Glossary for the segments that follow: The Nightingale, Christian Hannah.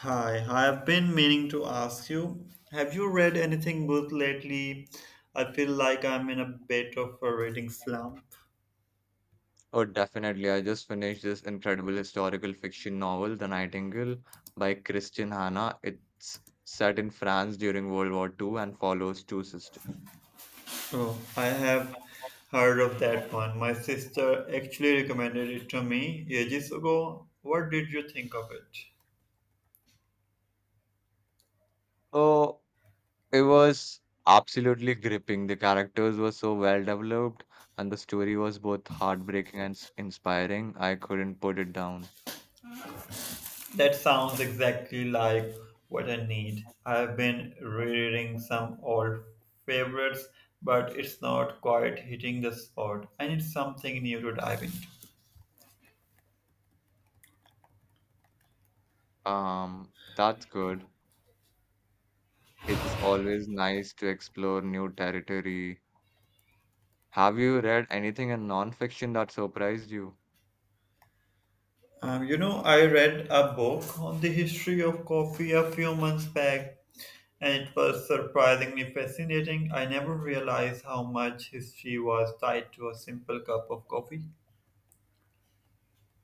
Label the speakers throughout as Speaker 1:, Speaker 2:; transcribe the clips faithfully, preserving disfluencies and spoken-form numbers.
Speaker 1: Hi, I've been meaning to ask you, have you read anything good lately? I feel like I'm in a bit of a reading slump.
Speaker 2: Oh, definitely. I just finished this incredible historical fiction novel, The Nightingale, by Christian Hannah. It's set in France during World War Two and follows two sisters.
Speaker 1: Oh, I have heard of that one. My sister actually recommended it to me ages ago. What did you think of it?
Speaker 2: Oh, it was absolutely gripping. The characters were so well developed, and the story was both heartbreaking and s- inspiring. I couldn't put it down.
Speaker 1: That sounds exactly like what I need. I've been rereading some old favorites, but it's not quite hitting the spot. I need something new to dive into.
Speaker 2: Um, that's good. It's always nice to explore new territory. Have you read anything in nonfiction that surprised you?
Speaker 1: Um, you know, I read a book on the history of coffee a few months back, and it was surprisingly fascinating. I never realized how much history was tied to a simple cup of coffee.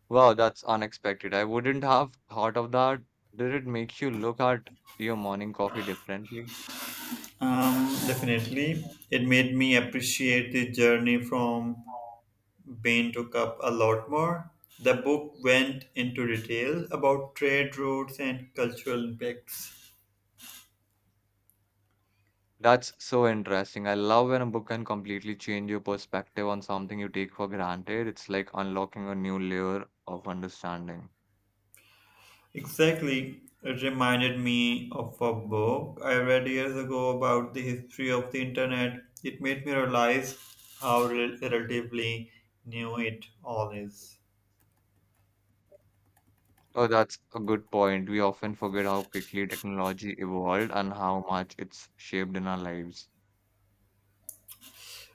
Speaker 2: Wow, that's unexpected. I wouldn't have thought of that. Did it make you look at your morning coffee differently?
Speaker 1: Um, definitely, it made me appreciate the journey from bean to cup a lot more. The book went into detail about trade routes and cultural impacts.
Speaker 2: That's so interesting. I love when a book can completely change your perspective on something you take for granted. It's like unlocking a new layer of understanding.
Speaker 1: Exactly. It reminded me of a book I read years ago about the history of the internet. It made me realize how rel- relatively new it all is.
Speaker 2: Oh, that's a good point. We often forget how quickly technology evolved and how much it's shaped in our lives.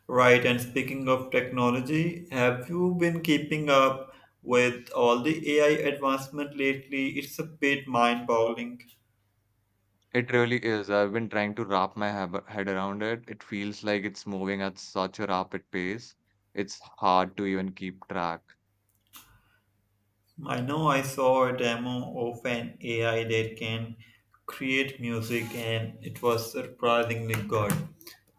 Speaker 1: Right, and speaking of technology, have you been keeping up with all the A I advancement lately? It's a bit mind boggling.
Speaker 2: It really is. I've been trying to wrap my hab- head around it. It feels like it's moving at such a rapid pace. It's hard to even keep track.
Speaker 1: I know I saw a demo of an A I that can create music, and it was surprisingly good.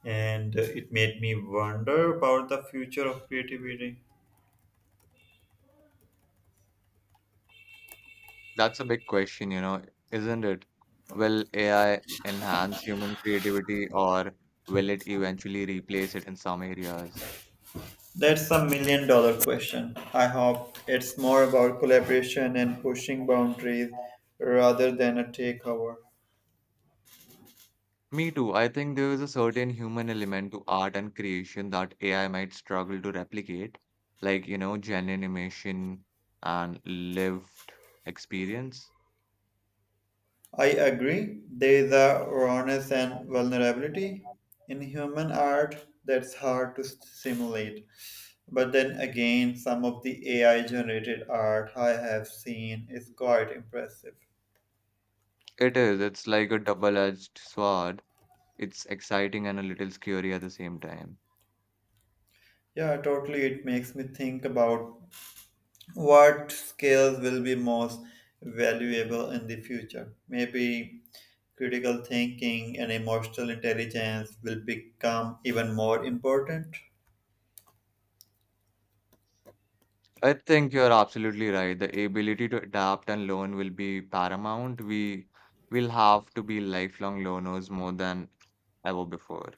Speaker 1: And uh, it made me wonder about the future of creativity.
Speaker 2: That's a big question, you know, isn't it? Will A I enhance human creativity or will it eventually replace it in some areas?
Speaker 1: That's a million dollar question. I hope it's more about collaboration and pushing boundaries rather than a takeover.
Speaker 2: Me too. I think there is a certain human element to art and creation that A I might struggle to replicate, like, you know, genuine emotion and lived experience.
Speaker 1: I agree, there is a rawness and vulnerability in human art that's hard to simulate. But then again, some of the A I generated art I have seen is quite impressive.
Speaker 2: It is. It's like a double-edged sword. It's exciting and a little scary at the same time.
Speaker 1: Yeah, totally. It makes me think about what skills will be most valuable in the future. Maybe critical thinking and emotional intelligence will become even more important.
Speaker 2: I think you're absolutely right. The ability to adapt and learn will be paramount. We will have to be lifelong learners more than ever before.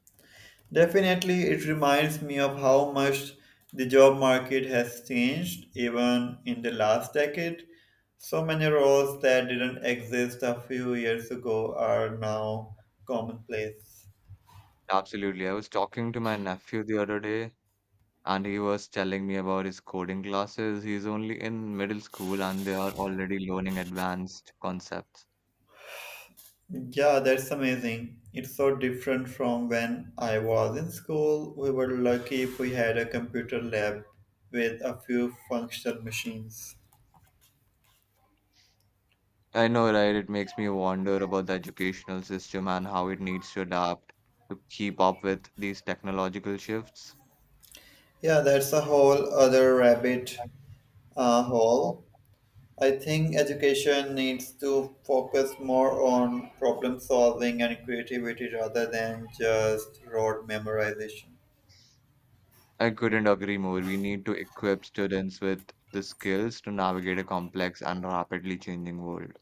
Speaker 1: Definitely, it reminds me of how much the job market has changed even in the last decade. So many roles that didn't exist a few years ago are now commonplace.
Speaker 2: Absolutely. I was talking to my nephew the other day, and he was telling me about his coding classes. He's only in middle school, and they are already learning advanced concepts.
Speaker 1: Yeah, that's amazing. It's so different from when I was in school. We were lucky if we had a computer lab with a few functional machines.
Speaker 2: I know, right? It makes me wonder about the educational system and how it needs to adapt to keep up with these technological shifts.
Speaker 1: Yeah, that's a whole other rabbit uh, hole. I think education needs to focus more on problem solving and creativity rather than just rote memorization.
Speaker 2: I couldn't agree more. We need to equip students with the skills to navigate a complex and rapidly changing world.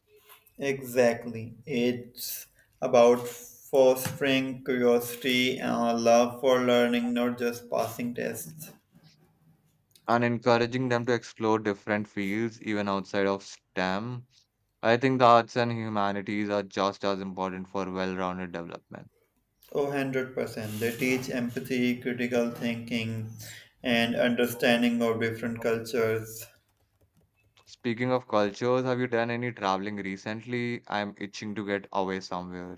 Speaker 1: Exactly. It's about fostering curiosity and a love for learning, not just passing tests.
Speaker 2: And encouraging them to explore different fields, even outside of STEM. I think the arts and humanities are just as important for well rounded development.
Speaker 1: Oh, one hundred percent. They teach empathy, critical thinking, and understanding of different cultures.
Speaker 2: Speaking of cultures, have you done any traveling recently? I'm itching to get away somewhere.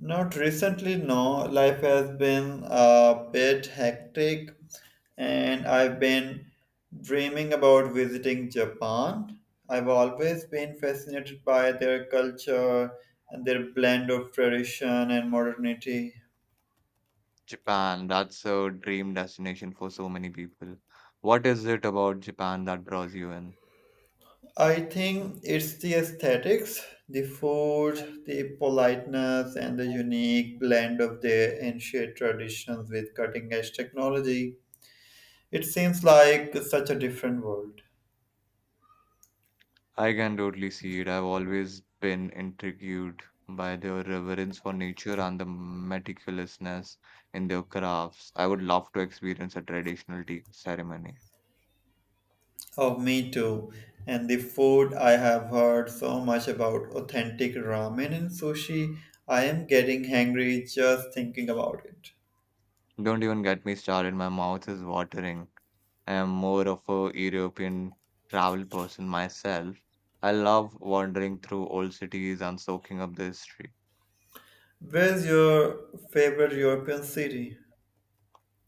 Speaker 1: Not recently, no. Life has been a bit hectic, and I've been dreaming about visiting Japan. I've always been fascinated by their culture and their blend of tradition and modernity.
Speaker 2: Japan, that's a dream destination for so many people. What is it about Japan that draws you in?
Speaker 1: I think it's the aesthetics, the food, the politeness, and the unique blend of their ancient traditions with cutting edge technology. It seems like such a different world.
Speaker 2: I can totally see it. I've always been intrigued by their reverence for nature and the meticulousness in their crafts. I would love to experience a traditional tea ceremony.
Speaker 1: Oh, me too. And the food I have heard so much about authentic ramen and sushi. I am getting hungry just thinking about it.
Speaker 2: Don't even get me started, my mouth is watering. I am more of a European travel person myself. I love wandering through old cities and soaking up the history.
Speaker 1: Where's your favorite European city?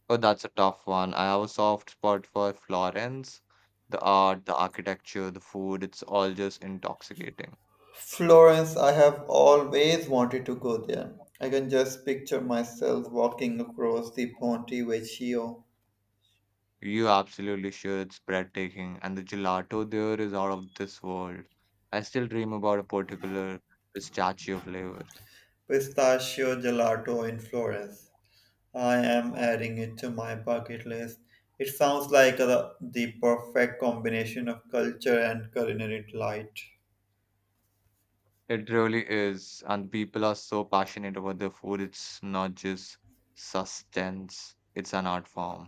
Speaker 2: Oh, that's a tough one. I have a soft spot for Florence. The art, the architecture, the food, it's all just intoxicating.
Speaker 1: Florence, I have always wanted to go there. I can just picture myself walking across the Ponte Vecchio
Speaker 2: You absolutely sure it's breathtaking, and the gelato there is out of this world. I still dream about a particular statue of Leo.
Speaker 1: pistachio gelato in Florence. I am adding it to my bucket list. It sounds like the, the perfect combination of culture and culinary delight.
Speaker 2: It really is. And people are so passionate about their food. It's not just sustenance, it's an art form.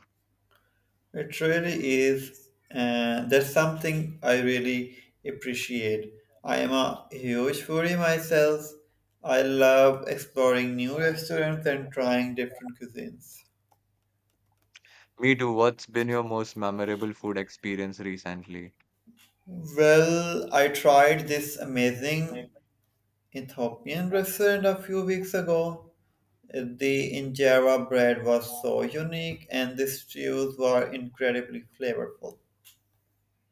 Speaker 1: It really is, and that's something I really appreciate. I am a huge foodie myself. I love exploring new restaurants and trying different cuisines.
Speaker 2: Me too. What's been your most memorable food experience recently?
Speaker 1: Well, I tried this amazing Ethiopian restaurant a few weeks ago. The injera bread was so unique, and the stews were incredibly flavorful.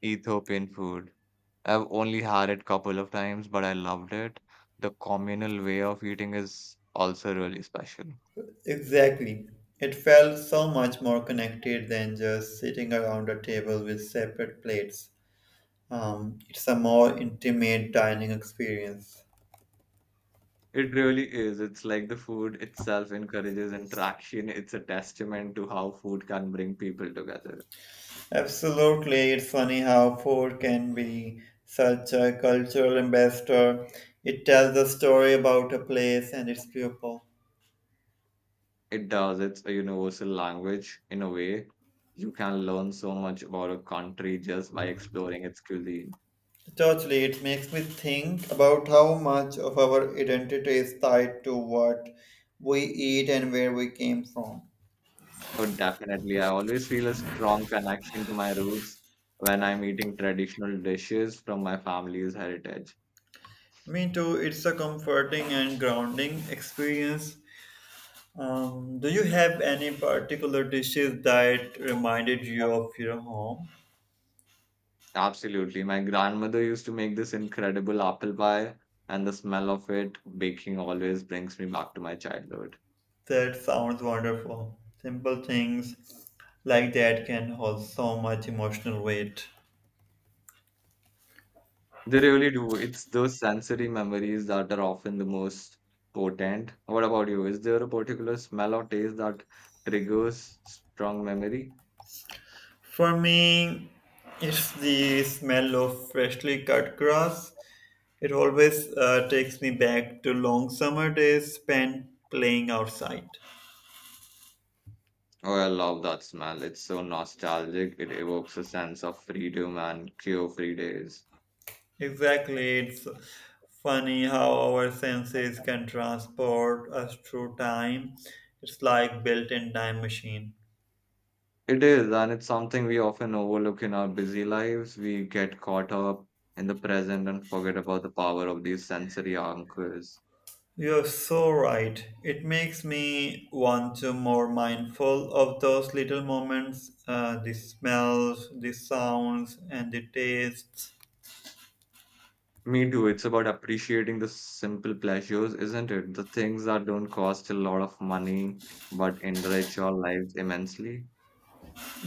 Speaker 2: Ethiopian food. I've only had it couple of times, but I loved it. The communal way of eating is also really special.
Speaker 1: Exactly. It felt so much more connected than just sitting around a table with separate plates. Um, it's a more intimate dining experience.
Speaker 2: It really is. It's like the food itself encourages interaction. It's a testament to how food can bring people together.
Speaker 1: Absolutely, it's funny how food can be such a cultural ambassador. It tells the story about a place and its people.
Speaker 2: It does. It's a universal language in a way. You can learn so much about a country just by exploring its cuisine.
Speaker 1: Totally, it makes me think about how much of our identity is tied to what we eat and where we came from.
Speaker 2: Oh, definitely. I always feel a strong connection to my roots when I'm eating traditional dishes from my family's heritage.
Speaker 1: Me too, it's a comforting and grounding experience. Um, do you have any particular dishes that reminded you of your home?
Speaker 2: Absolutely. My grandmother used to make this incredible apple pie, and the smell of it baking always brings me back to my childhood.
Speaker 1: That sounds wonderful. Simple things like that can hold so much emotional weight.
Speaker 2: They really do. It's those sensory memories that are often the most potent. What about you? Is there a particular smell or taste that triggers strong memory?
Speaker 1: For me, it's the smell of freshly cut grass. It always uh, takes me back to long summer days spent playing outside.
Speaker 2: Oh, I love that smell. It's so nostalgic. It evokes a sense of freedom and carefree days.
Speaker 1: Exactly, it's funny how our senses can transport us through time. It's like built-in time machine.
Speaker 2: It is, and it's something we often overlook in our busy lives. We get caught up in the present and forget about the power of these sensory anchors.
Speaker 1: You're so right. It makes me want to more mindful of those little moments, uh, the smells, the sounds, and the tastes.
Speaker 2: Me too. It's about appreciating the simple pleasures, isn't it? The things that don't cost a lot of money but enrich our lives immensely.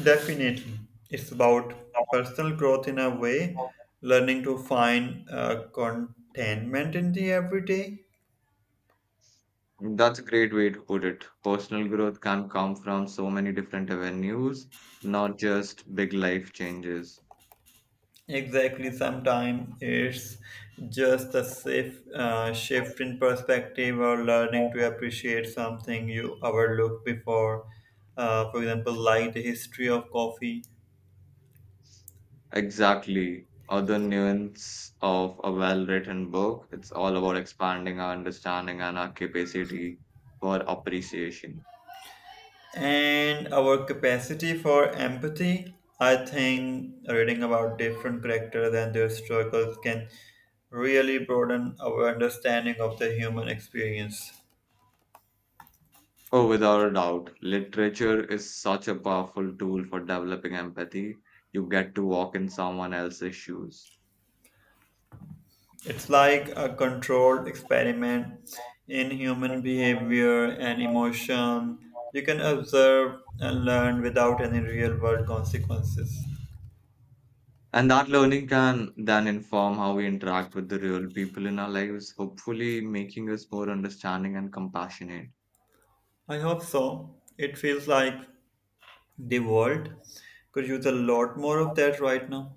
Speaker 1: Definitely. It's about personal growth in a way, learning to find uh, contentment in the everyday.
Speaker 2: That's a great way to put it. Personal growth can come from so many different avenues, not just big life changes.
Speaker 1: Exactly. Sometimes it's just a safe uh, shift in perspective or learning to appreciate something you overlooked before. Uh, for example, like the history of coffee
Speaker 2: Exactly. Other nuance of a well-written book, it's all about expanding our understanding and our capacity for appreciation.
Speaker 1: and our capacity for empathy. I think reading about different characters and their struggles can really broaden our understanding of the human experience.
Speaker 2: Oh, without a doubt. Literature is such a powerful tool for developing empathy. You get to walk in someone else's shoes.
Speaker 1: It's like a controlled experiment in human behavior and emotion. You can observe and learn without any real world consequences.
Speaker 2: And that learning can then inform how we interact with the real people in our lives, hopefully making us more understanding and compassionate.
Speaker 1: I hope so. It feels like the world could use a lot more of that right now.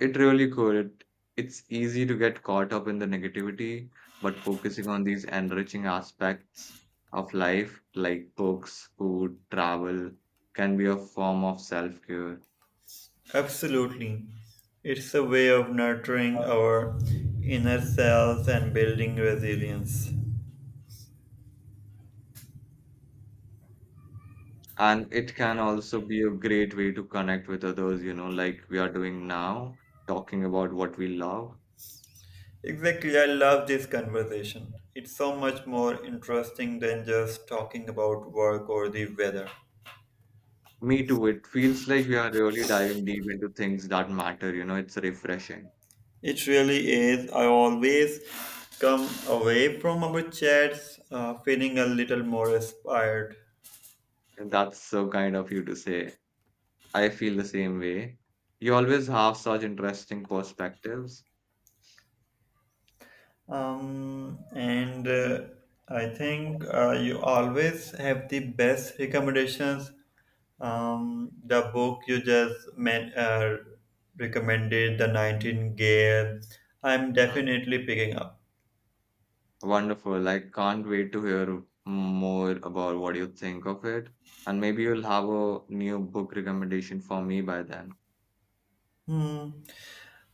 Speaker 2: It really could. It's easy to get caught up in the negativity, but focusing on these enriching aspects of life, like books, food, travel, can be a form of self-care.
Speaker 1: Absolutely. It's a way of nurturing our inner selves and building resilience.
Speaker 2: And it can also be a great way to connect with others, you know, like we are doing now, talking about what we love.
Speaker 1: Exactly, I love this conversation. It's so much more interesting than just talking about work or the weather.
Speaker 2: Me too. It feels like we are really diving deep into things that matter, you know, it's refreshing.
Speaker 1: It really is. I always come away from our chats uh, feeling a little more inspired.
Speaker 2: And that's so kind of you to say. I feel the same way. You always have such interesting perspectives.
Speaker 1: Um, and uh, I think uh, you always have the best recommendations. Um, the book you just men, uh, recommended, The Nightingale, I'm
Speaker 2: Mm.
Speaker 1: definitely picking up.
Speaker 2: Wonderful. I can't wait to hear more about what you think of it. And maybe you'll have a new book recommendation for me by then.
Speaker 1: Hmm.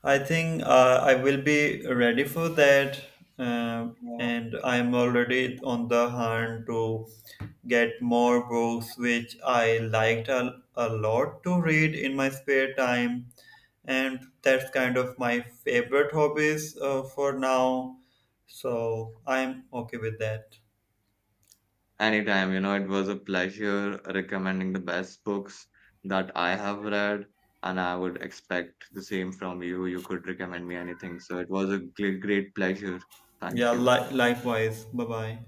Speaker 1: I think uh, I will be ready for that, um, and I'm already on the hunt to get more books which I liked a, a lot to read in my spare time, and that's kind of my favorite hobbies uh, for now. So I'm okay with that.
Speaker 2: Anytime, you know, it was a pleasure recommending the best books that I have read. And I would expect the same from you. You could recommend me anything. So it was a great, great pleasure. Thank
Speaker 1: Yeah,
Speaker 2: you.
Speaker 1: li- likewise. Bye bye.